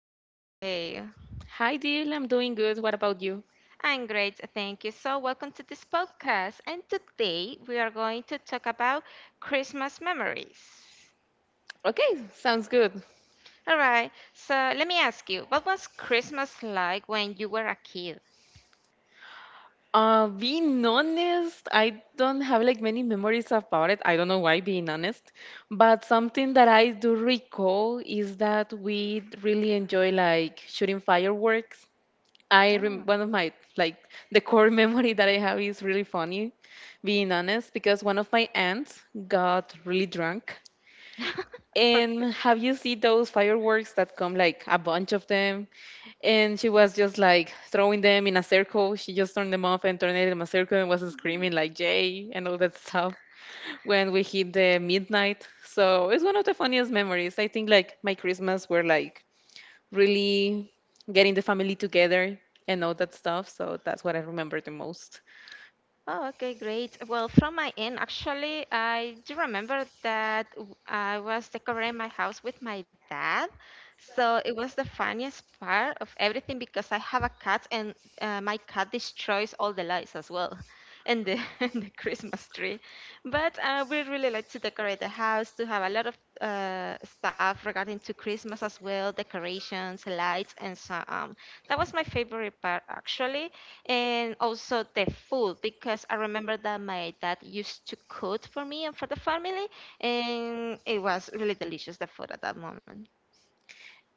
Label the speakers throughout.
Speaker 1: you today?
Speaker 2: Hi, dear. I'm doing good. What about you?
Speaker 1: I'm great, thank you. So, welcome to this podcast. And today we are going to talk about Christmas memories.
Speaker 2: Okay, sounds good.
Speaker 1: All right, so let me ask you, what was Christmas like when you were a kid?
Speaker 2: Being honest, I don't have like many memories about it. I don't know why, being honest. But something that I do recall is that we really enjoy like shooting fireworks. I rem
Speaker 1: Oh.
Speaker 2: One of my like the core memory that I have is really funny, being honest, because one of my aunts got really drunk.
Speaker 1: Okay.
Speaker 2: And have you seen those fireworks that come like a bunch of them? And she was just like throwing them in a circle. She just turned them off and turned it in a circle and was screaming like "Jay" and all that stuff when we hit the midnight. So it's one of the funniest memories. I think like my Christmas were like really getting the family together and all that stuff. So that's what I remember the most.
Speaker 1: Oh, okay, great. Well, from my end, actually, I do remember that I was decorating my house with my dad. So it was the funniest part of everything because I have a cat and my cat destroys all the lights as well and the, and the Christmas tree. But we really like to decorate the house, to have a lot of stuff regarding to Christmas as well, decorations, lights, and so on. That was my favorite part, actually, and also the food because I remember that my dad used to cook for me and for the family, and it was really delicious the food at that moment.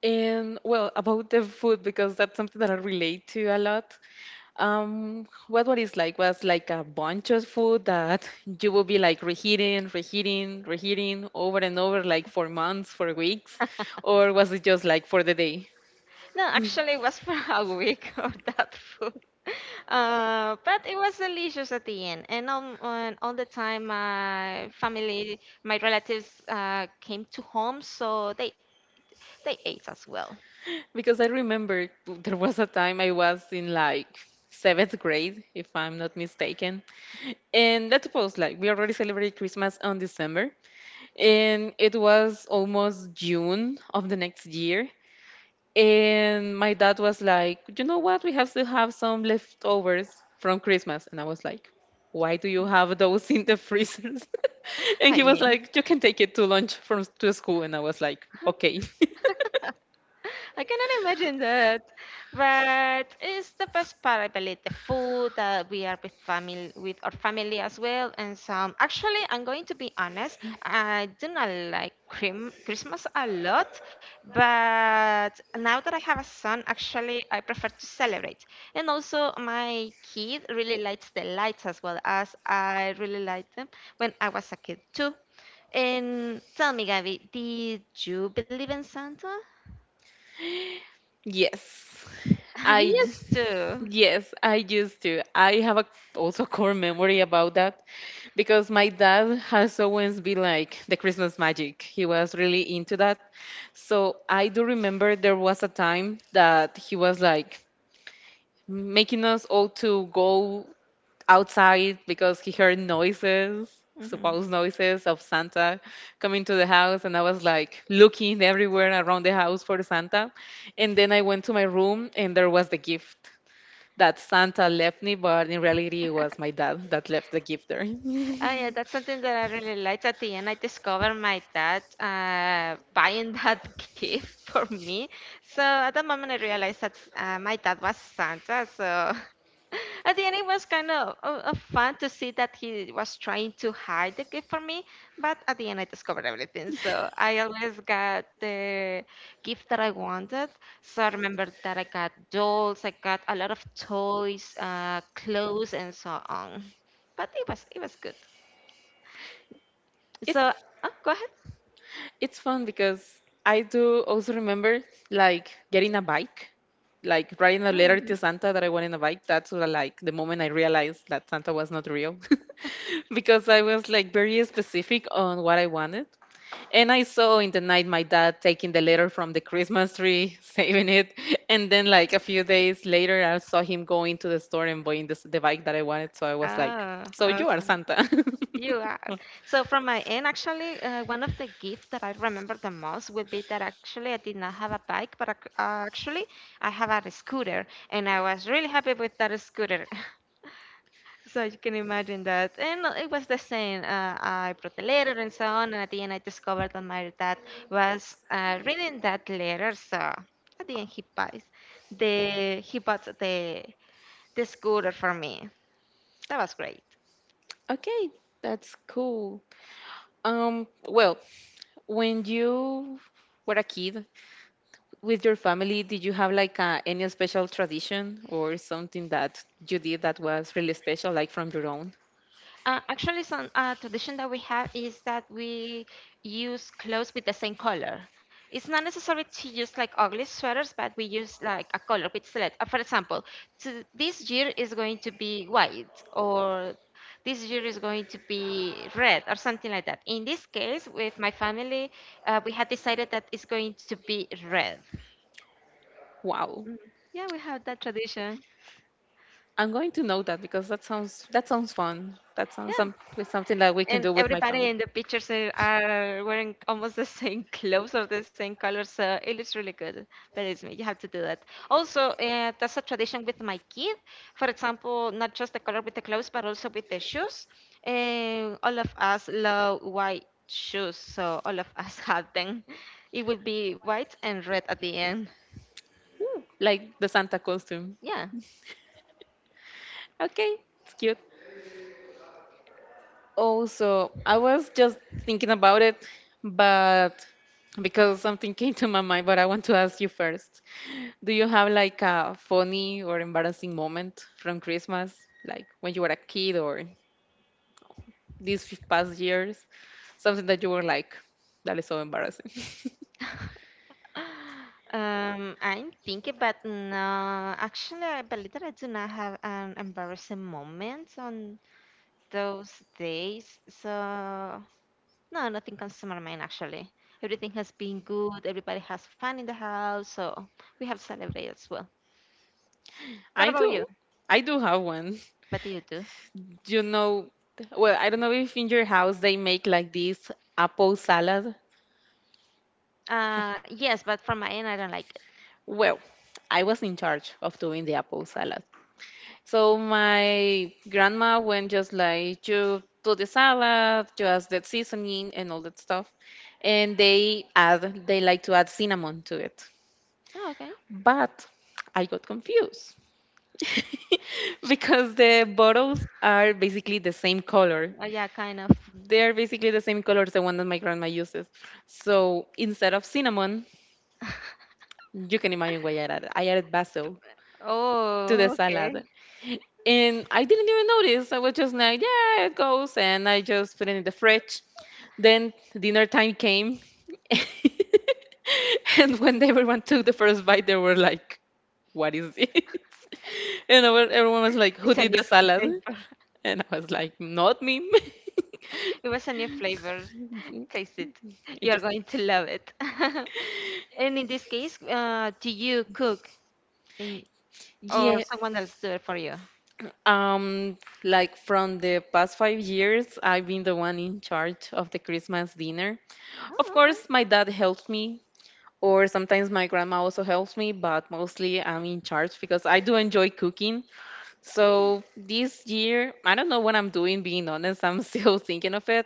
Speaker 2: And well, about the food, because that's something that I relate to a lot. What is like was like a bunch of food that you will be like reheating, reheating, reheating over and over, like for months, for weeks, or was it just like for the day?
Speaker 1: No, actually, it was for a week of that food, but it was delicious at the end. And on all the time, my family, my relatives came to home, so they ate as well.
Speaker 2: Because I remember there was a time I was in like seventh grade, if I'm not mistaken, and let's suppose like we already celebrated Christmas on December, and it was almost June of the next year. And my dad was like, you know what? We have to have some leftovers from Christmas. And I was like, why do you have those in the freezers? And
Speaker 1: I
Speaker 2: he was
Speaker 1: mean.
Speaker 2: like, you can take it to lunch from to school. And I was like, okay.
Speaker 1: I cannot imagine that. But it's the best part, I believe, the food that we are with family with our family as well. And some, actually, I'm going to be honest, I do not like cream Christmas a lot, but now that I have a son, actually I prefer to celebrate. And also my kid really likes the lights as well as I really liked them when I was a kid too. And tell me, Gabby, did you believe in Santa?
Speaker 2: Yes.
Speaker 1: You
Speaker 2: I
Speaker 1: used to.
Speaker 2: yes, I used to. I have a also core memory about that because my dad has always been like the Christmas magic. He was really into that. So I do remember there was a time that he was like making us all to go outside because he heard noises,
Speaker 1: Hmm.
Speaker 2: supposed noises of Santa coming to the house. And I was like looking everywhere around the house for Santa. And then I went to my room and there was the gift that Santa left me, but in reality, it was my dad that left the gift there. It's
Speaker 1: Oh, yeah, that's something that I really liked. At the end, I discovered my dad buying that gift for me. So at that moment, I realized that my dad was Santa. So at the end, it was kind of fun to see that he was trying to hide the gift for me. But at the end, I discovered everything. So I always got the gift that I wanted. So I remember that I got dolls, I got a lot of toys, clothes, and so on. But it was good. So, oh, go ahead.
Speaker 2: It's fun because I do also remember like getting a bike, like writing a letter
Speaker 1: Mhm.
Speaker 2: to Santa that I wanted a bike. That's what I like the moment I realized that Santa was not real because I was like very specific on what I wanted. And I saw in the night my dad taking the letter from the Christmas tree, saving it. And then like a few days later, I saw him going to the store and buying this, the bike that I wanted. So I was like,
Speaker 1: Ah,
Speaker 2: so you are
Speaker 1: awesome.
Speaker 2: Santa.
Speaker 1: You are. So from my end, actually, one of the gifts that I remember the most would be that actually I did not have a bike, but actually I have a scooter, and I was really happy with that scooter. So you can imagine that. And it was the same. I brought the letter and so on, and at the end I discovered that my dad was reading that letter. So at the end he bought the scooter for me. That was great.
Speaker 2: Okay, that's cool. Well, when you were a kid with your family, did you have like a, any special tradition or something that you did that was really special, like from your own?
Speaker 1: Actually, some tradition that we have is that we use clothes with the same color. It's not necessary to use like ugly sweaters, but we use like a color with select. For example, to, this year is going to be white, or this year is going to be red, or something like that. In this case, with my family, we had decided that it's going to be red.
Speaker 2: Wow.
Speaker 1: Mm, yeah, we have that tradition.
Speaker 2: I'm going to know that because that sounds fun. That sounds
Speaker 1: Yeah.
Speaker 2: something that we can
Speaker 1: And
Speaker 2: do with my
Speaker 1: everybody
Speaker 2: family.
Speaker 1: in the pictures are wearing almost the same clothes or the same colors, so it looks really good. Believe me, you have to do that. Also, that's a tradition with my kid. For example, not just the color with the clothes, but also with the shoes. And all of us love white shoes, so all of us have them. It will be white and red at the end.
Speaker 2: Ooh, like the Santa costume.
Speaker 1: Yeah.
Speaker 2: Okay, it's cute. Also, I was just thinking about it, but because something came to my mind, but I want to ask you first. Do you have like a funny or embarrassing moment from Christmas, like when you were a kid or these past years? Something that you were like, that is so embarrassing.
Speaker 1: I'm thinking, but no, actually, I believe that I do not have an embarrassing moment on those days. So, no, nothing comes to my mind actually. Everything has been good. Everybody has fun in the house, so we have celebrated as well. What
Speaker 2: I
Speaker 1: about you?
Speaker 2: do. I do have one.
Speaker 1: What do you do?
Speaker 2: You know, well, I don't know if in your house they make like this apple salad.
Speaker 1: Yes, but from my end, I don't like it.
Speaker 2: Well, I was in charge of doing the apple salad. So my grandma went just like you do the salad, you add the seasoning and all that stuff, and they like to add cinnamon to it.
Speaker 1: Oh, okay.
Speaker 2: But I got confused because the bottles are basically the same color.
Speaker 1: Oh, yeah, kind of.
Speaker 2: They're basically the same color as the one that my grandma uses. So instead of cinnamon, you can imagine why I added. I added basil to the
Speaker 1: Oh, okay.
Speaker 2: salad. And I didn't even notice. I was just like, yeah, it goes. And I just put it in the fridge. Then dinner time came. And when everyone took the first bite, they were like, what is this? And everyone was like, who
Speaker 1: It's a
Speaker 2: did
Speaker 1: new
Speaker 2: the salad?
Speaker 1: flavor.
Speaker 2: And I was like, not me.
Speaker 1: It was a new flavor. Taste it.
Speaker 2: It
Speaker 1: You're
Speaker 2: just
Speaker 1: going to love it. And in this case, do you cook in, or
Speaker 2: yeah,
Speaker 1: someone else do it for you?
Speaker 2: um, like from the past 5 years, I've been the one in charge of the Christmas dinner. Of
Speaker 1: Oh, okay.
Speaker 2: course, my dad helped me. Or sometimes my grandma also helps me, but mostly I'm in charge because I do enjoy cooking. So this year, I don't know what I'm doing, being honest. I'm still thinking of it,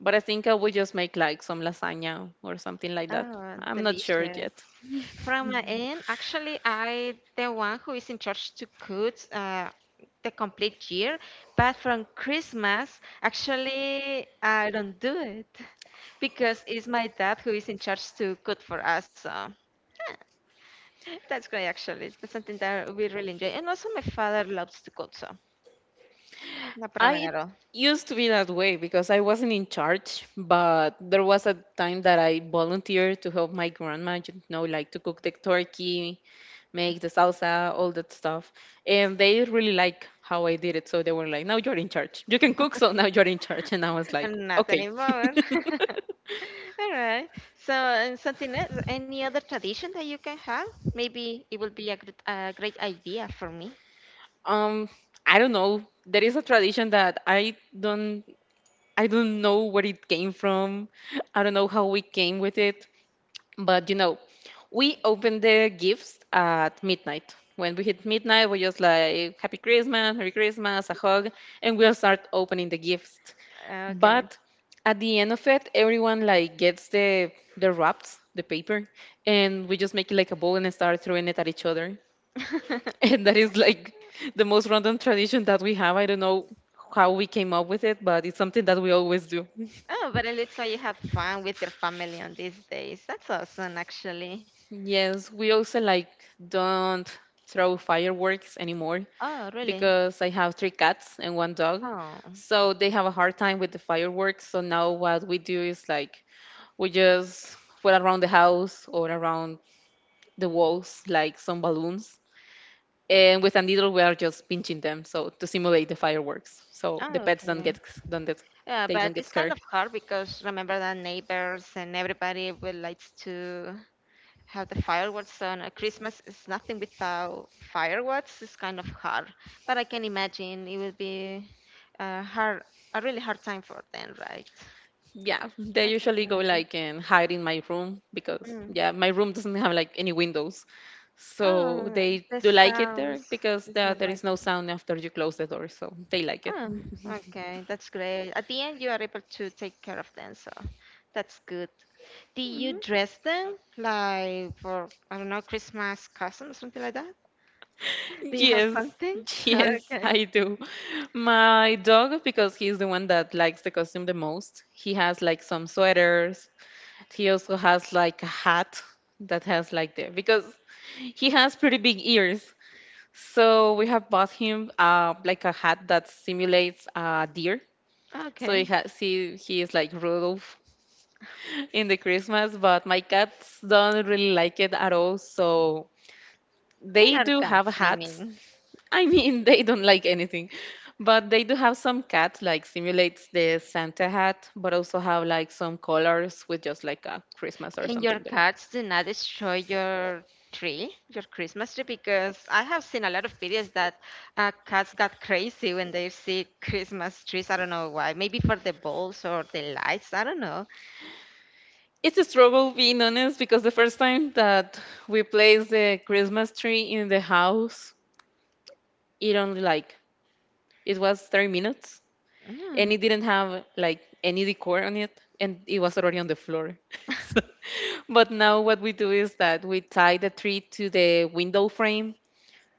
Speaker 2: but I think I will just make like some lasagna or something like that.
Speaker 1: Oh,
Speaker 2: I'm not sure
Speaker 1: delicious.
Speaker 2: yet.
Speaker 1: From my end, actually, I the one who is in charge to cook the complete year, but from Christmas, actually, I don't do it because it's my dad who is in charge to cook for us. So. Yeah. That's great, actually. That's something that we really really enjoy. And also, my father loves to cook, so no problem
Speaker 2: I
Speaker 1: at all.
Speaker 2: used to be that way because I wasn't in charge, but there was a time that I volunteered to help my grandma, you know, like to cook the turkey, make the salsa, all that stuff. And they really like how I did it. So they were like, now you're in charge. You can cook, so now you're in charge. And I was like,
Speaker 1: Not
Speaker 2: okay.
Speaker 1: anymore. All right. So, and something else, any other tradition that you can have? Maybe it would be a great idea for me.
Speaker 2: Um, I don't know. There is a tradition that I don't know where it came from. I don't know how we came with it. But you know, we opened the gifts at midnight. When we hit midnight, we just like Happy Christmas, Merry Christmas, a hug, and we'll start opening the gifts.
Speaker 1: Okay.
Speaker 2: But at the end of it, everyone like gets the wraps, the paper, and we just make it like a ball and start throwing it at each other. And that is like the most random tradition that we have. I don't know how we came up with it, but it's something that we always do.
Speaker 1: Oh, but it looks like you have fun with your family on these days. That's awesome, actually.
Speaker 2: Yes, we also like don't throw fireworks anymore
Speaker 1: Oh, really?
Speaker 2: because I have three cats and one dog.
Speaker 1: Oh,
Speaker 2: So they have a hard time with the fireworks. So now what we do is like we just put around the house or around the walls like some balloons. And with a needle we are just pinching them so to simulate the fireworks. So the
Speaker 1: oh,
Speaker 2: pets
Speaker 1: okay.
Speaker 2: don't get
Speaker 1: Yeah,
Speaker 2: they
Speaker 1: but
Speaker 2: don't get
Speaker 1: it's kind
Speaker 2: scared.
Speaker 1: of hard because remember that neighbors and everybody will likes to have the fireworks on. Christmas is nothing without fireworks. It's kind of hard, but I can imagine it will be a hard, a really hard time for them, right?
Speaker 2: Yeah, they
Speaker 1: I can
Speaker 2: usually go
Speaker 1: imagine.
Speaker 2: like and hide in my room because
Speaker 1: Mm.
Speaker 2: yeah, my room doesn't have like any windows. So
Speaker 1: Oh,
Speaker 2: they
Speaker 1: the
Speaker 2: do like it there
Speaker 1: sounds.
Speaker 2: because
Speaker 1: It's not
Speaker 2: there is
Speaker 1: like.
Speaker 2: no sound after you close the door, so they like it.
Speaker 1: Oh,
Speaker 2: Mhm.
Speaker 1: okay, that's great. At the end, you are able to take care of them, so that's good. Do you dress them like for, I don't know, Christmas costume or something like that? Do you have
Speaker 2: Yes,
Speaker 1: something?
Speaker 2: yes,
Speaker 1: Okay,
Speaker 2: I do. My dog, because he's the one that likes the costume the most, he has like some sweaters. He also has like a hat that has like the, because he has pretty big ears. So we have bought him like a hat that simulates a deer. So he
Speaker 1: okay.
Speaker 2: has he he is like Rudolph in the Christmas, but my cats don't really like it at all. So
Speaker 1: They
Speaker 2: they
Speaker 1: are
Speaker 2: do have
Speaker 1: cats, I
Speaker 2: hats.
Speaker 1: mean.
Speaker 2: I mean, they don't like anything, but they do have some cats like simulates the Santa hat, but also have like some colors with just like a Christmas or
Speaker 1: And
Speaker 2: something
Speaker 1: your
Speaker 2: there.
Speaker 1: cats do not destroy your tree, your Christmas tree, because I have seen a lot of videos that cats got crazy when they see Christmas trees. I don't know why. Maybe for the balls or the lights. I don't know.
Speaker 2: It's a struggle being honest because the first time that we placed the Christmas tree in the house, it only like it was 30 minutes and
Speaker 1: Mm.
Speaker 2: it didn't have like any decor on it and it was already on the floor. So, but now what we do is that we tie the tree to the window frame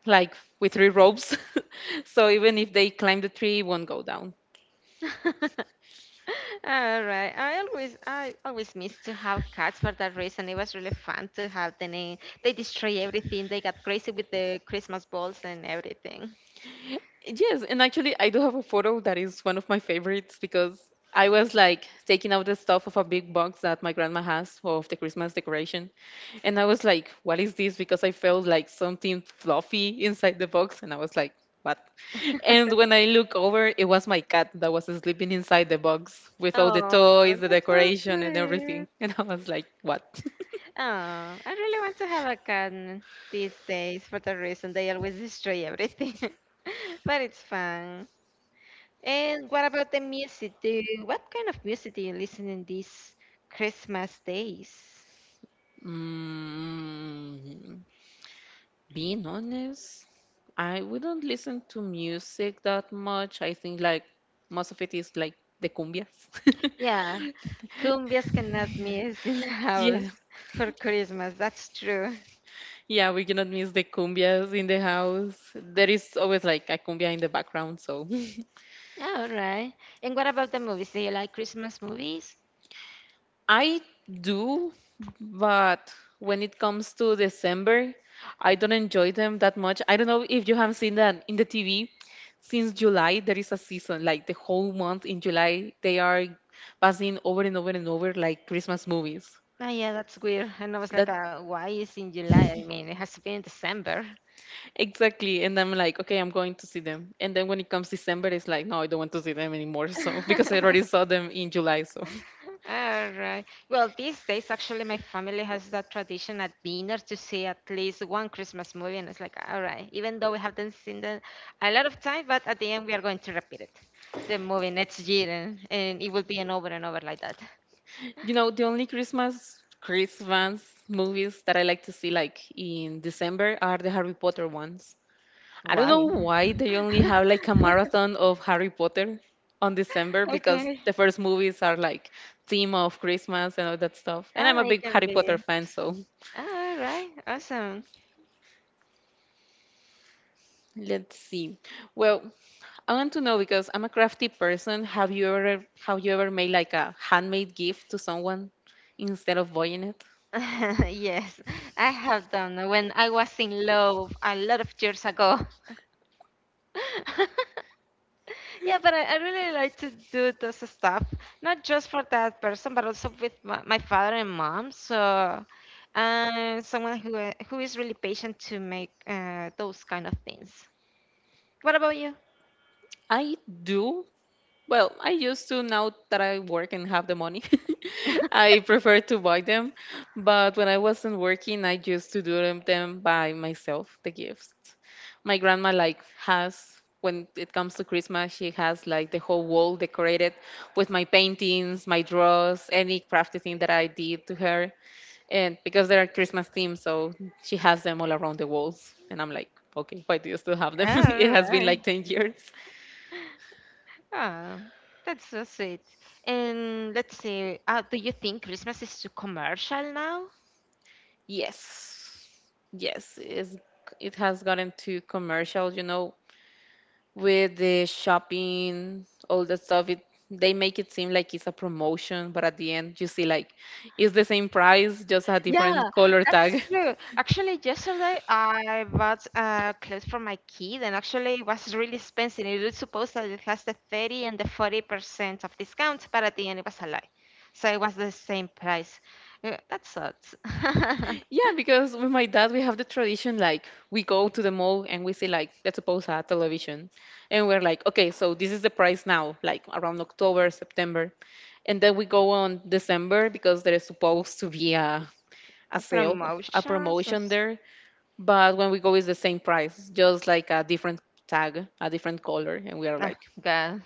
Speaker 2: like with three ropes. So even if they climb the tree, it won't go down.
Speaker 1: All right. I always miss to have cats for that reason. It was really fun to have them. In. They destroy everything. They got crazy with the Christmas balls and everything.
Speaker 2: Yes, and actually, I do have a photo that is one of my favorites because I was like taking out the stuff of a big box that my grandma has of the Christmas decoration. And I was like, what is this? Because I felt like something fluffy inside the box. And I was like, what? And when I look over, it was my cat that was sleeping inside the box with all the
Speaker 1: Oh,
Speaker 2: toys, the
Speaker 1: that's so
Speaker 2: decoration, and
Speaker 1: sweet.
Speaker 2: everything. And I was like, what?
Speaker 1: Oh, I really want to have a cat these days for that reason. They always destroy everything. But it's fun. And what about the music? What kind of music do you listen in these Christmas days?
Speaker 2: Mm. Being honest, I wouldn't listen to music that much. I think like most of it is like the cumbias.
Speaker 1: Yeah. Cumbias cannot miss in the house
Speaker 2: Yeah,
Speaker 1: for Christmas. That's true.
Speaker 2: yeah, we cannot miss the cumbias in the house. There is always like a cumbia in the background, so
Speaker 1: All right. And what about the movies? Do you like Christmas movies?
Speaker 2: I do, but when it comes to December, I don't enjoy them that much. I don't know if you have seen that in the TV. Since July, there is a season, like the whole month in July, they are passing over and over and over, like Christmas movies.
Speaker 1: Oh, yeah, that's weird. And I was like,
Speaker 2: That
Speaker 1: why is in July? I mean, it has to be in December.
Speaker 2: exactly. And I'm like, okay, I'm going to see them. And then when it comes December, it's like, no, I don't want to see them anymore. So because I already saw them in July. So
Speaker 1: All right. Well, these days, actually, my family has that tradition at dinner to see at least one Christmas movie. And it's like, all right, even though we haven't seen them a lot of time, but at the end, we are going to repeat it, the movie next year. And it will be an over and over like that.
Speaker 2: The only Christmas movies that I like to see like in December are the Harry Potter ones. I don't
Speaker 1: Why?
Speaker 2: know why they only have like a marathon of Harry Potter on December, because
Speaker 1: Okay.
Speaker 2: the first movies are like theme of Christmas and all that stuff. And I'm
Speaker 1: Oh,
Speaker 2: a
Speaker 1: it
Speaker 2: big
Speaker 1: can
Speaker 2: Harry Potter
Speaker 1: be.
Speaker 2: fan, so
Speaker 1: Oh, all right. Awesome.
Speaker 2: let's see. Well, I want to know because I'm a crafty person. Have you ever made like a handmade gift to someone instead of buying it?
Speaker 1: Yes, I have done when I was in love a lot of years ago. Yeah, but I really like to do this stuff, not just for that person, but also with my father and mom. So, someone who is really patient to make those kind of things. What about you?
Speaker 2: I do. Well, I used to, now that I work and have the money. I prefer to buy them, but when I wasn't working, I used to do them by myself, the gifts. My grandma like has, when it comes to Christmas, she has like the whole wall decorated with my paintings, my draws, any crafty thing that I did to her. And because they are Christmas themed, so she has them all around the walls. And I'm like, okay, why do you still have them? It
Speaker 1: All
Speaker 2: has been
Speaker 1: right.
Speaker 2: like 10 years.
Speaker 1: Ah, that's so sweet. And let's say, do you think Christmas is too commercial now?
Speaker 2: Yes. Yes, it has gotten too commercial, with the shopping, all the stuff. It they make it seem like it's a promotion, but at the end you see like it's the same price, just a different
Speaker 1: Yeah,
Speaker 2: color
Speaker 1: that's
Speaker 2: tag.
Speaker 1: true. Actually, yesterday I bought clothes for my kid, and actually it was really expensive. It was supposed that it has the 30 and the 40% of discount, but at the end it was a lie. So it was the same price. That sucks.
Speaker 2: Yeah, because with my dad we have the tradition like we go to the mall and we see like, let's suppose, a television, and we're like, okay, so this is the price now, like around October, September. And then we go on December because there is supposed to be a sale, a
Speaker 1: Promotions?
Speaker 2: promotion there. But when we go, it's the same price, just like a different tag, a different color, and we are
Speaker 1: Ah,
Speaker 2: like,
Speaker 1: God.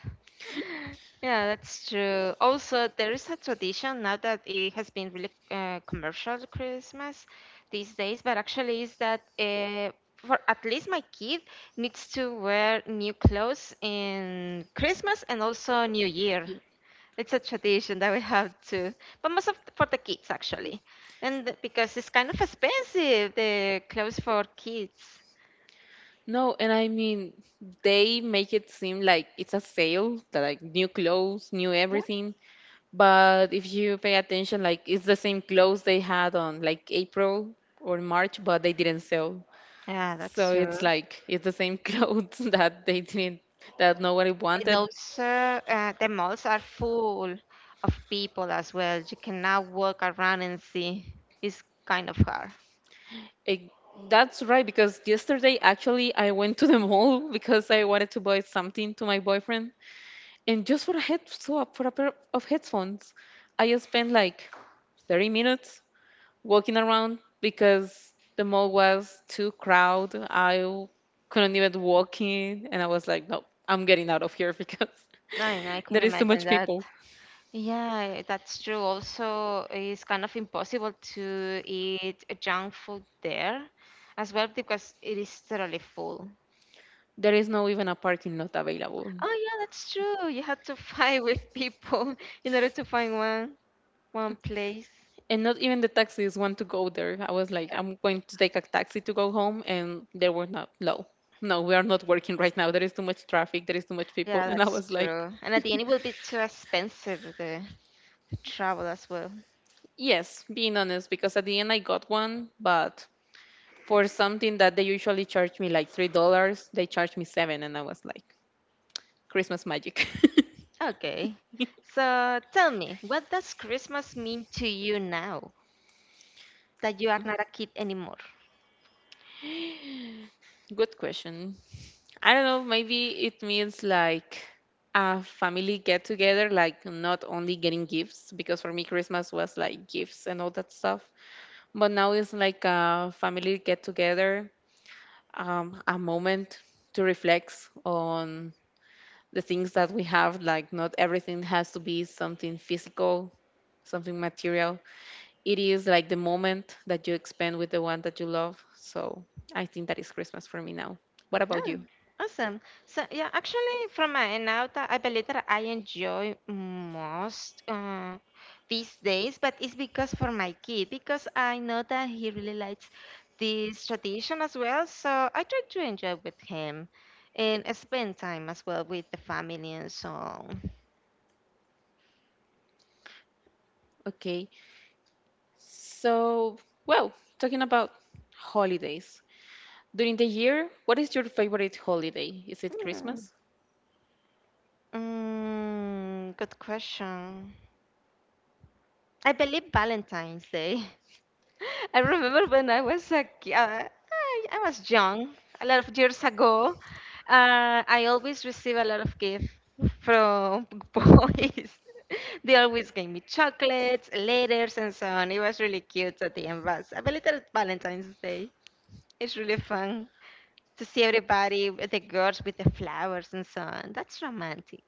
Speaker 1: Yeah, that's true. Also, there is a tradition now that it has been really commercial Christmas these days, but actually is that for at least my kid needs to wear new clothes in Christmas and also New Year.
Speaker 2: "Yeah."
Speaker 1: It's a tradition that we have too, but most of for the kids actually, and because it's kind of expensive the clothes for kids.
Speaker 2: No. And I mean, they make it seem like it's a sale, that like new clothes, new
Speaker 1: Yeah.
Speaker 2: everything. But if you pay attention, like it's the same clothes they had on like April or March, but they didn't sell.
Speaker 1: Yeah, that's
Speaker 2: So
Speaker 1: true.
Speaker 2: it's like it's the same clothes that they didn't that nobody
Speaker 1: And
Speaker 2: wanted.
Speaker 1: also, the malls are full of people as well. You cannot walk around and see. It's kind of hard.
Speaker 2: Ex- That's right, because yesterday actually I went to the mall because I wanted to buy something to my boyfriend, and just for a pair of headphones, I spent like 30 minutes walking around because the mall was too crowded. Couldn't even walk in, and I was like, no, I'm getting out of here, because
Speaker 1: I know, I can
Speaker 2: there is too
Speaker 1: imagine
Speaker 2: much
Speaker 1: that.
Speaker 2: people.
Speaker 1: Yeah, that's true. Also, it's kind of impossible to eat junk food there as well because it is totally full.
Speaker 2: There is no even a parking lot available,
Speaker 1: Oh yeah, that's true. You have to fight with people in order to find one place.
Speaker 2: and not even the taxis want to go there. I was like,
Speaker 1: Yeah,
Speaker 2: I'm going to take a taxi to go home, and they were not. No, no, we are not working right now. There is too much traffic. There is too much people.
Speaker 1: yeah,
Speaker 2: And I
Speaker 1: that's
Speaker 2: was like,
Speaker 1: true. And at the end, it will be too expensive there. Travel as well.
Speaker 2: yes, being honest, because at the end I got one, but for something that they usually charge me like $3, they charged me seven, and I was like, Christmas magic.
Speaker 1: Okay. So tell me, what does Christmas mean to you now that you are not a kid anymore?
Speaker 2: Good question. I don't know, maybe it means like a family get together, like not only getting gifts, because for me, Christmas was like gifts and all that stuff. But now it's like a family get together, a moment to reflect on the things that we have. Like, not everything has to be something physical, something material. It is like the moment that you spend with the one that you love. So I think that is Christmas for me now. What about
Speaker 1: Oh,
Speaker 2: you?
Speaker 1: awesome. So yeah, actually, from my end out, I believe that I enjoy most these days, but it's because for my kid, because I know that he really likes this tradition as well. So I try to enjoy with him and spend time as well with the family and so on.
Speaker 2: Okay. So, well, talking about holidays. During the year, what is your favorite holiday? Is it Christmas?
Speaker 1: Mm, good question. I believe Valentine's Day. I remember when I was a I was young, a lot of years ago. I always receive a lot of gifts from boys. They always gave me chocolates, letters, and so on. It was really cute at the end. But I believe that Valentine's Day is really fun to see everybody, with the girls with the flowers and so on. That's romantic.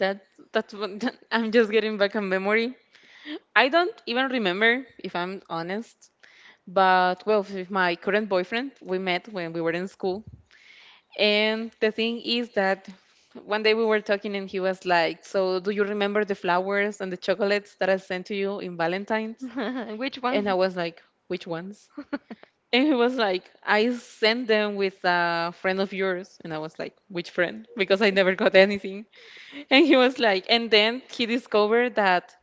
Speaker 2: That that's one. I'm just getting back a memory. I don't even remember if I'm honest. But well, with my current boyfriend, we met when we were in school. And the thing is that one day we were talking and he was like, "So, do you remember the flowers and the chocolates that I sent to you in Valentine's?"
Speaker 1: Which
Speaker 2: And I
Speaker 1: one?
Speaker 2: was like, "Which ones?" And he was like, I sent them with a friend of yours. And I was like, which friend? Because I never got anything. And he was like, and then he discovered that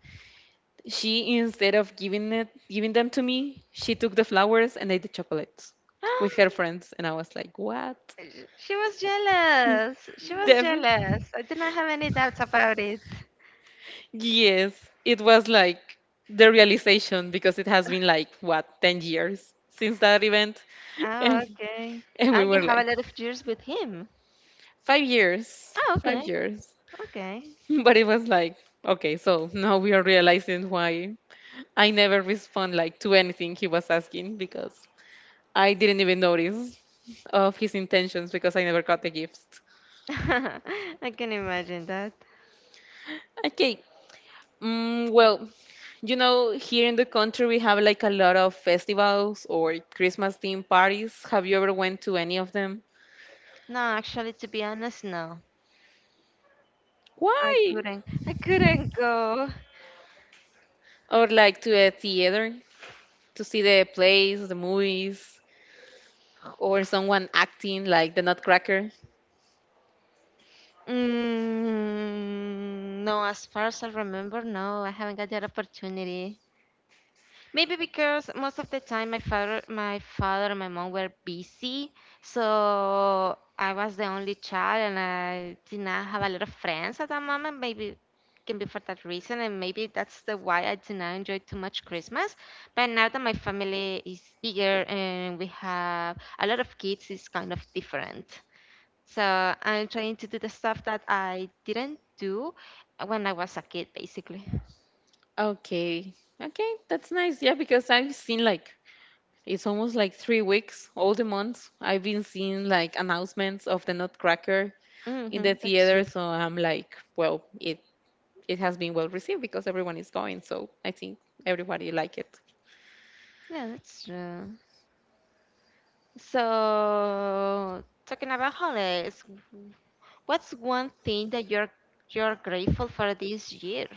Speaker 2: she, instead of giving them to me, she took the flowers and ate the chocolates with her friends. And I was like, what?
Speaker 1: She was jealous. She was
Speaker 2: Devil?
Speaker 1: jealous. I did not have any doubts about it.
Speaker 2: Yes, it was like the realization because it has been like, what, 10 years since that event? And,
Speaker 1: Oh, okay.
Speaker 2: and
Speaker 1: Ah,
Speaker 2: we
Speaker 1: you
Speaker 2: were
Speaker 1: have a
Speaker 2: like,
Speaker 1: lot of years with him.
Speaker 2: 5 years,
Speaker 1: Oh,
Speaker 2: five
Speaker 1: okay.
Speaker 2: years.
Speaker 1: Okay.
Speaker 2: But it was like, okay, so now we are realizing why I never respond like to anything he was asking because I didn't even notice of his intentions because I never got the gift.
Speaker 1: I can imagine that.
Speaker 2: Okay. Well, you know, here in the country we have like a lot of festivals or Christmas theme parties. Have you ever went to any of them?
Speaker 1: No, actually, to be honest, no. I
Speaker 2: Why?
Speaker 1: couldn't. I couldn't go.
Speaker 2: Or like to a theater to see the plays, the movies, or someone acting like the Nutcracker.
Speaker 1: Mm, no, as far as I remember, no, I haven't got that opportunity. Maybe because most of the time my father and my mom were busy, so I was the only child and I did not have a lot of friends at that moment. Maybe can be for that reason, and maybe that's the why I did not enjoy too much Christmas. But now that my family is bigger and we have a lot of kids, it's kind of different. So I'm trying to do the stuff that I didn't do when I was a kid, basically.
Speaker 2: Okay. Okay, that's nice. Yeah, because I've seen like it's almost like 3 weeks, all the months. I've been seeing like announcements of the Nutcracker in the
Speaker 1: Hmm.
Speaker 2: theater, so I'm like, well, it has been well received because everyone is going, so I think everybody like it.
Speaker 1: Yeah, that's true. So, talking about holidays, what's one thing that you're grateful for this year?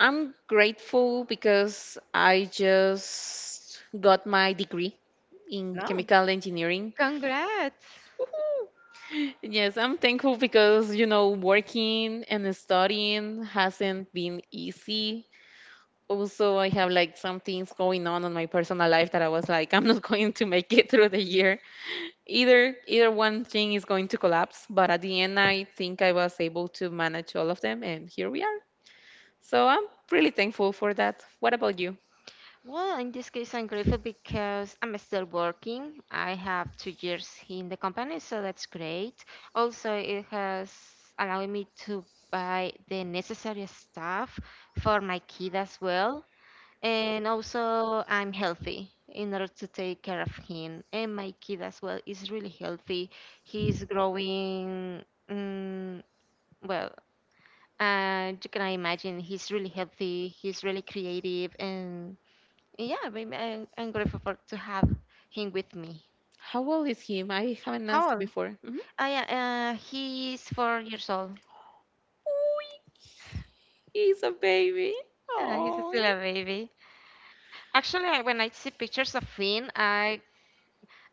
Speaker 2: I'm grateful because I just got my degree in
Speaker 1: No.
Speaker 2: chemical engineering.
Speaker 1: Congrats.
Speaker 2: Yes, I'm thankful because, you know, working and studying hasn't been easy. Also, I have like some things going on in my personal life that I was like, I'm not going to make it through the year. Either one thing is going to collapse, but at the end, I think I was able to manage all of them, and here we are. So I'm really thankful for that. What about you?
Speaker 1: Well, in this case, I'm grateful because I'm still working. I have 2 years in the company, so that's great. Also, it has allowed me to buy the necessary stuff for my kid as well. And also, I'm healthy in order to take care of him and my kid as well is really healthy. He's growing, mm, well, you can imagine he's really healthy, he's really creative, and yeah, I'm grateful for to have him with me.
Speaker 2: How old is him? I haven't
Speaker 1: How
Speaker 2: asked
Speaker 1: old?
Speaker 2: before. Mhm.
Speaker 1: Oh yeah, he's 4 years old.
Speaker 2: Ooh, he's a baby.
Speaker 1: Yeah, he's
Speaker 2: Oh.
Speaker 1: still a baby. Actually, when I see pictures of him, I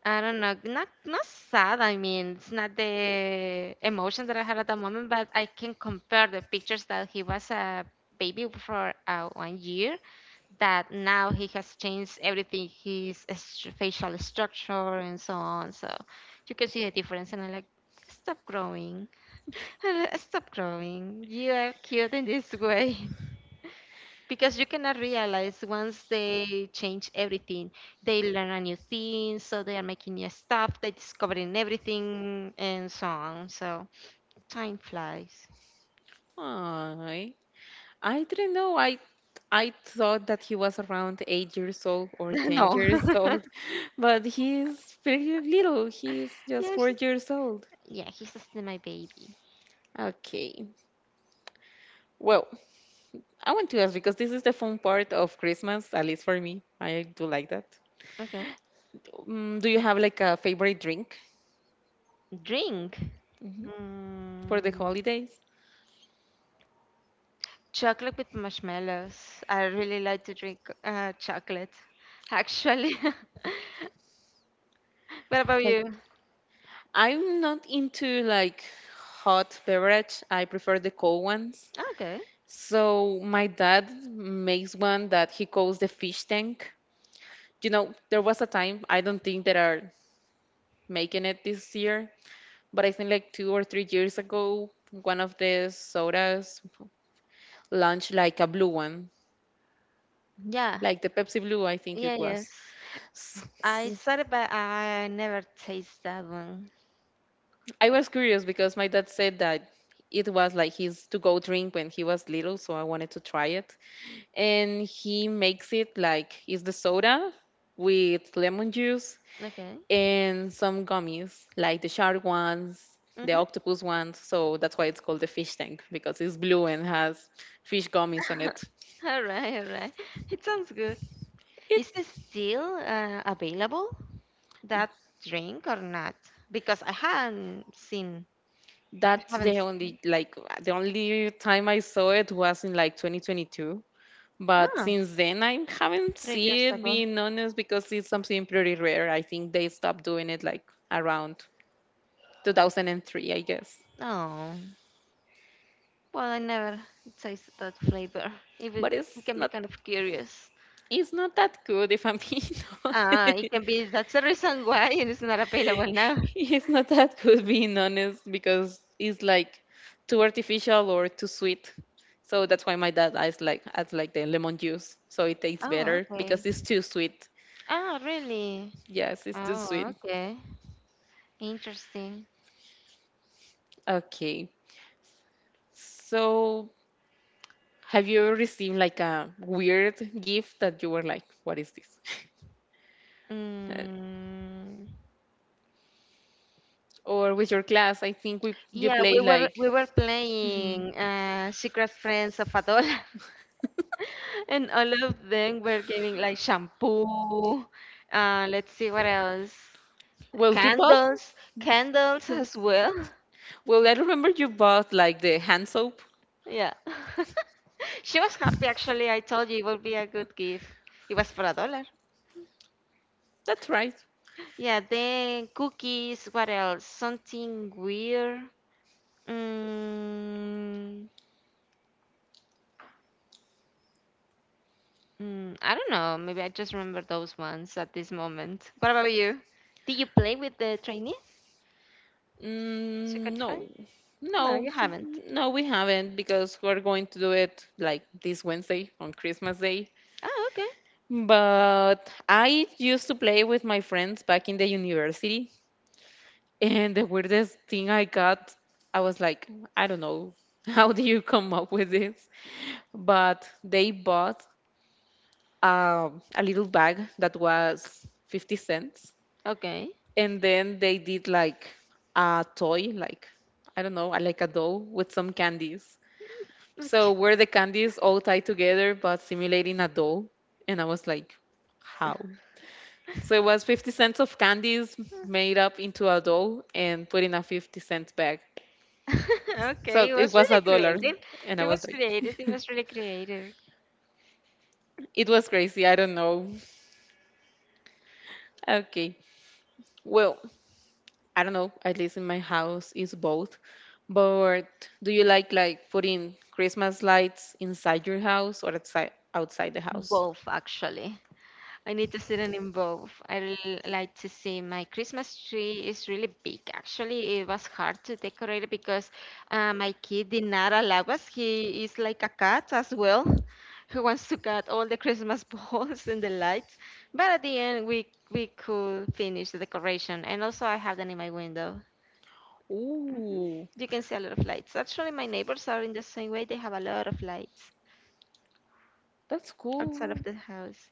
Speaker 1: I don't know, not sad. I mean, it's not the emotion that I had at the moment, but I can compare the pictures that he was a baby for one year. That now he has changed everything, his facial structure and so on. So you can see the difference, and I like stop growing, stop growing. You are cute in this way because you cannot realize once they change everything, they learn a new thing, so they are making new stuff, they discovering everything, and so on, so time flies.
Speaker 2: Ay, I didn't know. I thought that he was around 8 years old or ten
Speaker 1: no.
Speaker 2: years old, but he's pretty little. He's just four
Speaker 1: yes,
Speaker 2: years old.
Speaker 1: yeah, he's still my baby.
Speaker 2: Okay. Well, I want to ask because this is the fun part of Christmas, at least for me. I do like that.
Speaker 1: Okay.
Speaker 2: Do you have like a favorite drink,
Speaker 1: Drink.
Speaker 2: mhm, for the
Speaker 1: mm,
Speaker 2: holidays?
Speaker 1: Chocolate with marshmallows. I really like to drink chocolate, actually. what about
Speaker 2: Like,
Speaker 1: you?
Speaker 2: I'm not into like hot beverage. I prefer the cold ones.
Speaker 1: Okay,
Speaker 2: So my dad makes one that he calls the fish tank. You know, there was a time, I don't think they are making it this year, but I think like 2 or 3 years ago, one of the sodas launched like a blue one,
Speaker 1: yeah,
Speaker 2: like the Pepsi Blue, I think
Speaker 1: yeah,
Speaker 2: it
Speaker 1: yes,
Speaker 2: was. S-
Speaker 1: I
Speaker 2: s-
Speaker 1: said it, but I never taste that one.
Speaker 2: I was curious because my dad said that it was like his to go drink when he was little, so I wanted to try it. And he makes it like is the soda with lemon juice
Speaker 1: Okay.
Speaker 2: and some gummies, like the shark ones, the
Speaker 1: Mm-hmm.
Speaker 2: octopus ones. So that's why it's called the fish tank because it's blue and has fish gummies on it.
Speaker 1: All right, all right. It sounds good. Is it
Speaker 2: It,
Speaker 1: still available, that drink, or not? Because I
Speaker 2: that's
Speaker 1: haven't
Speaker 2: the
Speaker 1: seen
Speaker 2: only,
Speaker 1: it.
Speaker 2: like the only time I saw it was in like 2022. But
Speaker 1: No,
Speaker 2: since then, I haven't
Speaker 1: three
Speaker 2: seen
Speaker 1: years
Speaker 2: it.
Speaker 1: ago.
Speaker 2: Being honest, because it's something pretty rare. I think they stopped doing it like around 2003, I guess.
Speaker 1: Oh, well, I never tasted that flavor. It, would-
Speaker 2: But
Speaker 1: it can be
Speaker 2: not
Speaker 1: kind of curious.
Speaker 2: it's not that good if I'm being honest.
Speaker 1: Ah, it can be, that's the reason why it is not available now.
Speaker 2: He's not that good being honest because it's like too artificial or too sweet. So that's why my dad adds like the lemon juice so it tastes
Speaker 1: Oh,
Speaker 2: better because
Speaker 1: okay.
Speaker 2: it's too sweet.
Speaker 1: Ah, really?
Speaker 2: Yes, it's too
Speaker 1: Oh,
Speaker 2: sweet.
Speaker 1: okay. Interesting.
Speaker 2: Okay. So have you ever received like a weird gift that you were like, what is this? Uh,
Speaker 1: Mm.
Speaker 2: or with your class, I think we you
Speaker 1: Yeah,
Speaker 2: play
Speaker 1: we were
Speaker 2: like,
Speaker 1: we were
Speaker 2: mhm,
Speaker 1: playing Secret Friends of Adol, and all of them were giving like shampoo. Let's see what else.
Speaker 2: well you bought,
Speaker 1: Candles, candles as well.
Speaker 2: well I remember you bought like the hand soap.
Speaker 1: Yeah, she was happy, actually. I told you it would be a good gift. It was for a dollar.
Speaker 2: That's right.
Speaker 1: Yeah, then cookies. What else? Something weird. Mm. Mm, I don't know. Maybe I just remember those ones at this moment. What about you? Did you play with the trainees? Secret
Speaker 2: Mm, no,
Speaker 1: friend? No, you
Speaker 2: no,
Speaker 1: haven't.
Speaker 2: no, we haven't, because we're going to do it like this Wednesday on Christmas Day.
Speaker 1: Oh, okay.
Speaker 2: But I used to play with my friends back in the university, and the weirdest thing I got, I was like, I don't know, how do you come up with this? But they bought a little bag that was 50¢
Speaker 1: Okay.
Speaker 2: and then they did like a toy, like I don't know, like a doll with some candies, so
Speaker 1: Okay.
Speaker 2: were the candies all tied together but simulating a doll. And I was like, how? So it was 50¢ of candies made up into a doll and put in a 50-cent bag,
Speaker 1: Okay.
Speaker 2: so
Speaker 1: He
Speaker 2: it
Speaker 1: was
Speaker 2: was
Speaker 1: really
Speaker 2: a dollar.
Speaker 1: creative.
Speaker 2: And I
Speaker 1: He
Speaker 2: was
Speaker 1: was creative. He
Speaker 2: like,
Speaker 1: was really creative.
Speaker 2: it was crazy, I don't know. Okay, well I don't know, at least in my house is both. But do you like putting Christmas lights inside your house or outside the house?
Speaker 1: Both, actually. I need to sit and involve. I really like to see my Christmas tree is really big. Actually, it was hard to decorate it because my kid did not allow us. He is like a cat as well, who wants to cut all the Christmas balls and the lights. But at the end, we could finish the decoration. And also, I have them in my window.
Speaker 2: Ooh,
Speaker 1: You can see a lot of lights. Actually, my neighbors are in the same way. They have a lot of lights
Speaker 2: that's
Speaker 1: outside of
Speaker 2: cool.
Speaker 1: the house.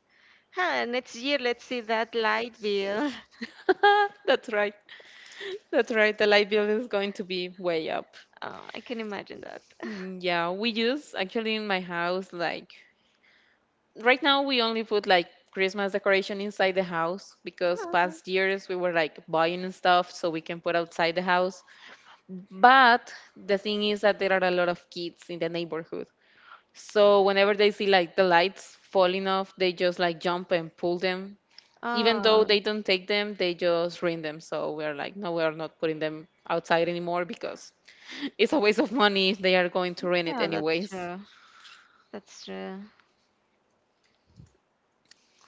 Speaker 1: Huh, next year, let's see that light bill.
Speaker 2: That's right. That's right. The light bill is going to be way up.
Speaker 1: I can imagine that.
Speaker 2: Mm. Yeah, we use actually in my house like right now we only put like Christmas decoration inside the house because
Speaker 1: Oh, okay.
Speaker 2: past years we were like buying and stuff so we can put outside the house. But the thing is that there are a lot of kids in the neighborhood. So whenever they see like the lights falling off, they just like jump and pull them. Even though
Speaker 1: Uh,
Speaker 2: they don't take them, they just rent them. So we're like, no, we're not putting them outside anymore because it's a waste of money if they are going to rent it
Speaker 1: yeah, that's
Speaker 2: anyways.
Speaker 1: true. That's true.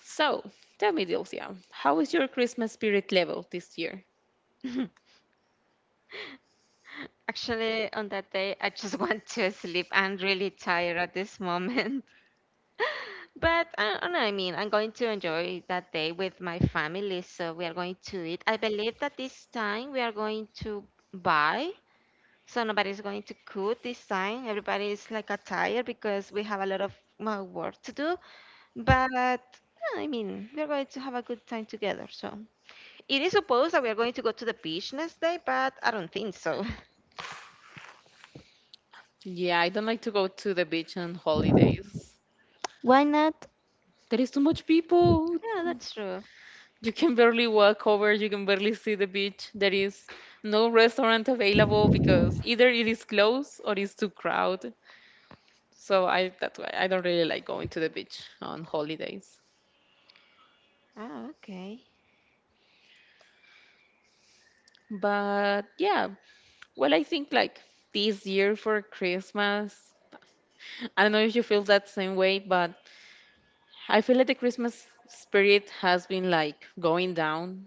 Speaker 2: So tell me, Dilcia, how is your Christmas spirit level this year?
Speaker 1: Actually, on that day, I just want to sleep. I'm really tired at this moment. But I don't know, I mean, I'm going to enjoy that day with my family, so we are going to eat. I believe that this time we are going to buy, so nobody's going to cook this time. Everybody is like a tired because we have a lot of work to do. But yeah, I mean, we're going to have a good time together, so. It is supposed that we are going to go to the beach next day, but I don't think so.
Speaker 2: Yeah, I don't like to go to the beach on holidays.
Speaker 1: Why not?
Speaker 2: There is too much people.
Speaker 1: Yeah, that's true.
Speaker 2: You can barely walk over, you can barely see the beach. There is no restaurant available because either it is closed or it's too crowded. So I that's why I don't really like going to the beach on holidays.
Speaker 1: Ah, okay.
Speaker 2: But yeah, well I think like this year for Christmas, I don't know if you feel that same way, but I feel like the Christmas spirit has been like going down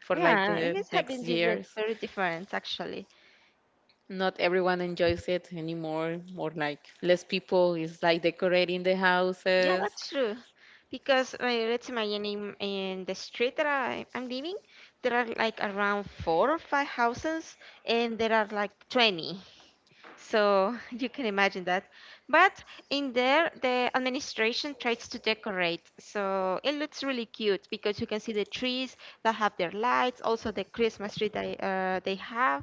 Speaker 2: for like
Speaker 1: Yeah, it
Speaker 2: the
Speaker 1: has
Speaker 2: next
Speaker 1: been different,
Speaker 2: years.
Speaker 1: very different, actually.
Speaker 2: Not everyone enjoys it anymore or like less people is like decorating the
Speaker 1: Yeah,
Speaker 2: houses.
Speaker 1: that's true. Because let's imagine in the street that I'm living, there are like around four or five houses, and there are like 20. So you can imagine that. But in there, the administration tries to decorate. So it looks really cute because you can see the trees that have their lights, also the Christmas tree they have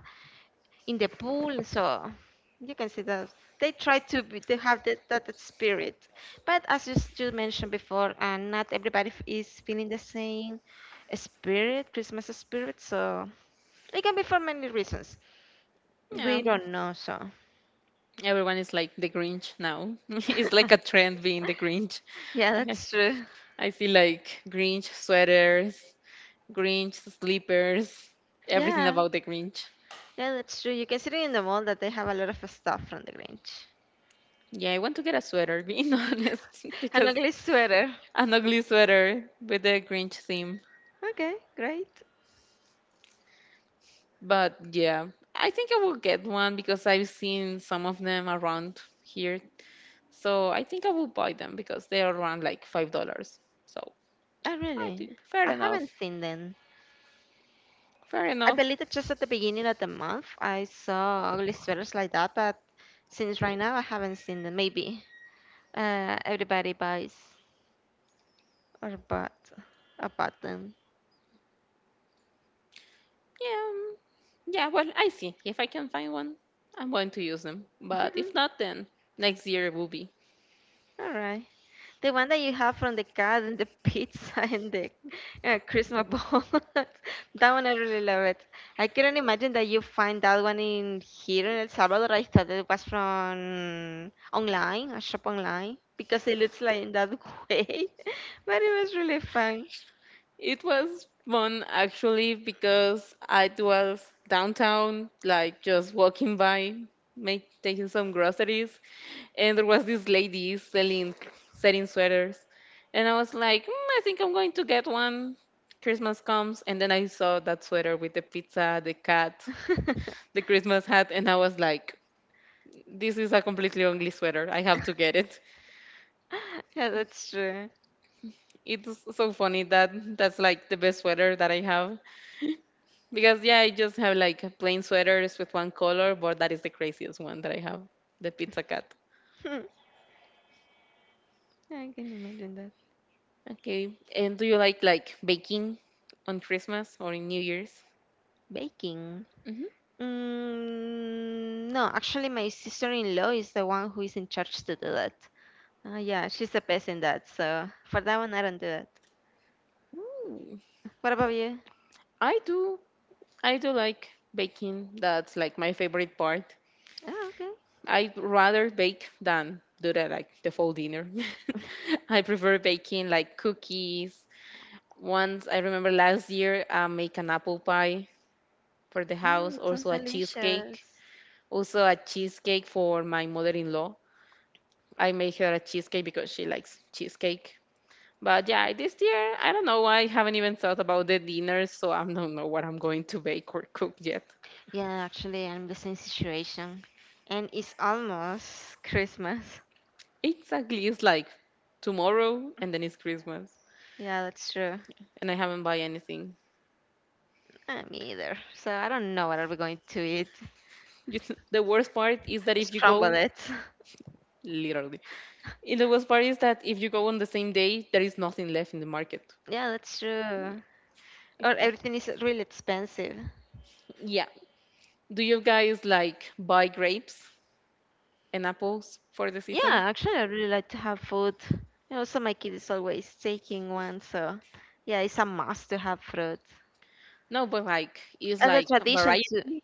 Speaker 1: in the pool. So you can see that they try to have that spirit. But as you, you mentioned before, not everybody is feeling the same spirit, Christmas spirit. So it can be for many reasons. We
Speaker 2: Yeah,
Speaker 1: don't know, so.
Speaker 2: everyone is like the Grinch now. It's like a trend being the Grinch.
Speaker 1: Yeah,
Speaker 2: I
Speaker 1: that's true.
Speaker 2: see like Grinch sweaters, Grinch slippers, everything
Speaker 1: Yeah.
Speaker 2: about the Grinch.
Speaker 1: Yeah, that's true. You can see it in the mall that they have a lot of stuff from the Grinch.
Speaker 2: Yeah, I want to get a sweater being honest
Speaker 1: An
Speaker 2: because
Speaker 1: ugly sweater.
Speaker 2: an ugly sweater with the Grinch theme.
Speaker 1: Okay, great.
Speaker 2: But yeah, I think I will get one because I've seen some of them around here. So I think I will buy them because they are around like $5. So
Speaker 1: Oh,
Speaker 2: I
Speaker 1: really?
Speaker 2: think fair
Speaker 1: I haven't
Speaker 2: enough.
Speaker 1: seen them.
Speaker 2: Fair
Speaker 1: I
Speaker 2: enough.
Speaker 1: believe that just at the beginning of the month I saw ugly sweaters like that, but since right now I haven't seen them. Maybe everybody buys or bought about them.
Speaker 2: Yeah. Yeah, well, I see. If I can find one, I'm going to use them. But if not, then next year will be.
Speaker 1: All right. The one that you have from the cat and the pizza and the Christmas ball. That one I really love it. I couldn't imagine that you find that one in here in El Salvador. I thought it was from online, a shop online, because it looks like in that way. But it was really fun.
Speaker 2: It was fun actually because I was downtown, like just walking by, taking some groceries, and there was this lady selling sweaters, and I was like, I think I'm going to get one. Christmas comes, and then I saw that sweater with the pizza, the cat, the Christmas hat, and I was like, this is a completely ugly sweater. I have to get it.
Speaker 1: Yeah, that's true.
Speaker 2: It's so funny that's like the best sweater that I have. Because yeah, I just have like plain sweaters with one color, but that is the craziest one that I have, the pizza cat.
Speaker 1: Hmm, I can imagine that.
Speaker 2: Okay. And do you like baking on Christmas or in New Year's?
Speaker 1: Baking.
Speaker 2: hmm
Speaker 1: Mm, no, actually, my sister-in-law is the one who is in charge to do that. Yeah, she's the best in that. So for that one, I don't do it.
Speaker 2: Ooh.
Speaker 1: What about you?
Speaker 2: I do. I do like baking. That's like my favorite part.
Speaker 1: Oh, okay.
Speaker 2: I'd rather bake than do the like the full dinner. I prefer baking like cookies. Once I remember last year, I make an apple pie for the
Speaker 1: Oh,
Speaker 2: house,
Speaker 1: it sounds
Speaker 2: also a cheesecake.
Speaker 1: delicious.
Speaker 2: Also, a cheesecake for my mother-in-law. I made her a cheesecake because she likes cheesecake. But yeah, this year, I don't know. I haven't even thought about the dinner, so I don't know what I'm going to bake or cook yet.
Speaker 1: Yeah, actually, I'm the same situation, and it's almost Christmas.
Speaker 2: Exactly, it's like tomorrow and then it's Christmas,
Speaker 1: Yeah, that's true.
Speaker 2: and I haven't buy anything.
Speaker 1: Me either. So I don't know what are we going to eat.
Speaker 2: Just- The worst part is that if you
Speaker 1: Scramble
Speaker 2: go,
Speaker 1: it.
Speaker 2: literally, and the worst part is that if you go on the same day, there is nothing left in the market.
Speaker 1: Yeah, that's true. Or everything is really expensive.
Speaker 2: Yeah. Do you guys like buy grapes and apples for the
Speaker 1: Yeah,
Speaker 2: season?
Speaker 1: actually, I really like to have food. You know, so my kid is always taking one. So yeah, it's a must to have fruit.
Speaker 2: No, but like it's
Speaker 1: And a
Speaker 2: like
Speaker 1: tradition
Speaker 2: variety
Speaker 1: to,
Speaker 2: u-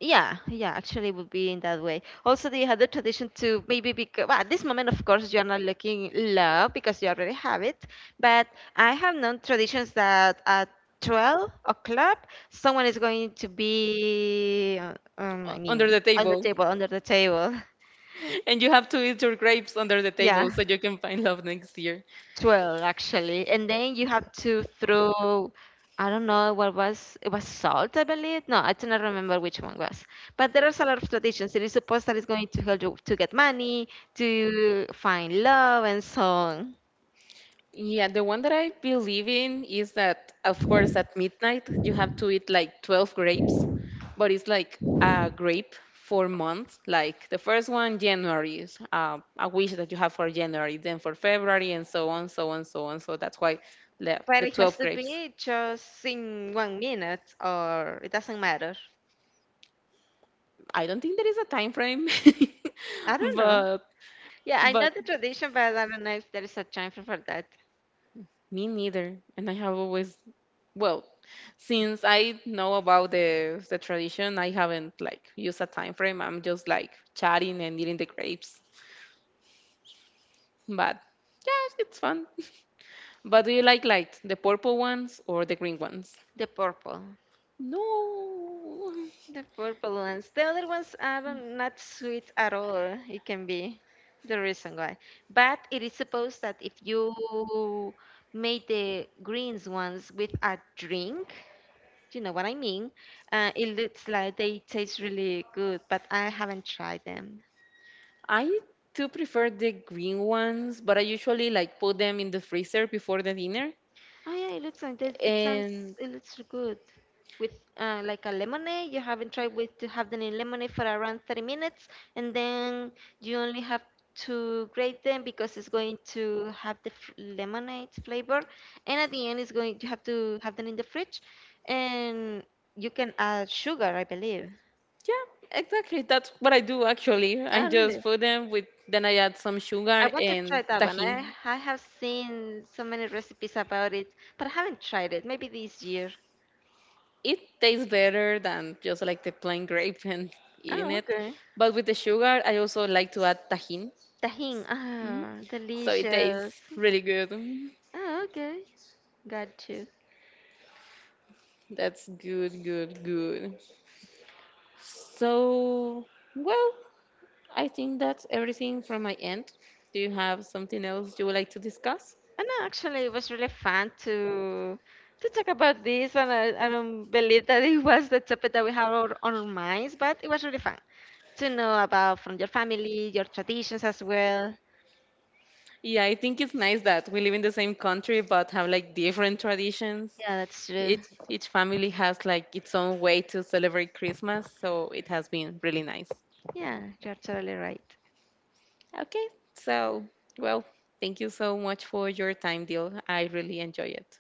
Speaker 1: yeah, yeah, actually would be in that way also. They had the tradition to, maybe because, well, at this moment of course you're not looking love because you already have it, but I have known traditions that at 12 o'clock someone is going to be I
Speaker 2: under
Speaker 1: mean
Speaker 2: the
Speaker 1: on the
Speaker 2: table,
Speaker 1: table, under the table.
Speaker 2: and you have to eat your grapes under the
Speaker 1: yeah,
Speaker 2: table so you can find love next year.
Speaker 1: 12, actually. And then you have to throw, I don't know what was it, was salt, I believe. No, I do not remember which one was, but there is a lot of traditions. It is supposed that it's going to help you to get money, to find love, and so on.
Speaker 2: Yeah, the one that I believe in is that, of course, at midnight you have to eat like 12 grapes, but it's like a grape for months. Like the first one, January, is a wish that you have for January, then for February, and so on, so on, so on. So that's why
Speaker 1: But
Speaker 2: the
Speaker 1: it has
Speaker 2: 12
Speaker 1: to
Speaker 2: grapes.
Speaker 1: be just in one minute, or it doesn't matter,
Speaker 2: I don't think there is a time frame,
Speaker 1: I don't know.
Speaker 2: but
Speaker 1: Yeah, I know
Speaker 2: but
Speaker 1: the tradition, but I don't know if there is a time for that.
Speaker 2: Me neither. And I have always, well, since I know about the tradition, I haven't like used a time frame. I'm just like chatting and eating the grapes. But yeah, it's fun. But do you like the purple ones or the green ones?
Speaker 1: The purple.
Speaker 2: No.
Speaker 1: The purple ones. The other ones are not sweet at all. It can be the reason why. But it is supposed that if you made the greens ones with a drink, you know what I mean? It looks like they taste really good, but I haven't tried them.
Speaker 2: I do prefer the green ones, but I usually like put them in the freezer before the dinner.
Speaker 1: Oh yeah, it looks like this. It sounds,
Speaker 2: And
Speaker 1: it looks good. With like a lemonade, you haven't tried with to have them in lemonade for around 30 minutes, and then you only have to grate them because it's going to have the f lemonade flavor, and at the end, it's going you have to have them in the fridge, and you can add sugar, I believe.
Speaker 2: yeah, exactly. That's what I do actually. I
Speaker 1: Oh, really?
Speaker 2: just put them with, then I add some
Speaker 1: I
Speaker 2: sugar
Speaker 1: want to
Speaker 2: and
Speaker 1: try that one. I
Speaker 2: tajin.
Speaker 1: I have seen so many recipes about it, but I haven't tried it. Maybe this year.
Speaker 2: It tastes better than just like the plain grape and eating
Speaker 1: Oh,
Speaker 2: it.
Speaker 1: okay.
Speaker 2: But with the sugar, I also like to add tajin.
Speaker 1: Tahini.
Speaker 2: hmm
Speaker 1: Ah,
Speaker 2: So it
Speaker 1: delicious.
Speaker 2: tastes really good. Mhm.
Speaker 1: Oh, okay. Got you.
Speaker 2: That's good, good, good. So, well, I think that's everything from my end. Do you have something else you would like to discuss?
Speaker 1: And actually, it was really fun to talk about this, and I don't believe that it was the topic that we had on our minds, but it was really fun to know about from your family, your traditions as well.
Speaker 2: Yeah, I think it's nice that we live in the same country but have like different traditions.
Speaker 1: Yeah, that's true.
Speaker 2: Each family has like its own way to celebrate Christmas, so it has been really nice.
Speaker 1: Yeah, you're totally right.
Speaker 2: Okay, so well, thank you so much for your time, Deal. I really enjoy it.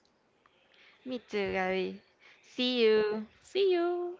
Speaker 1: Me too, Gabby. See you.
Speaker 2: See you.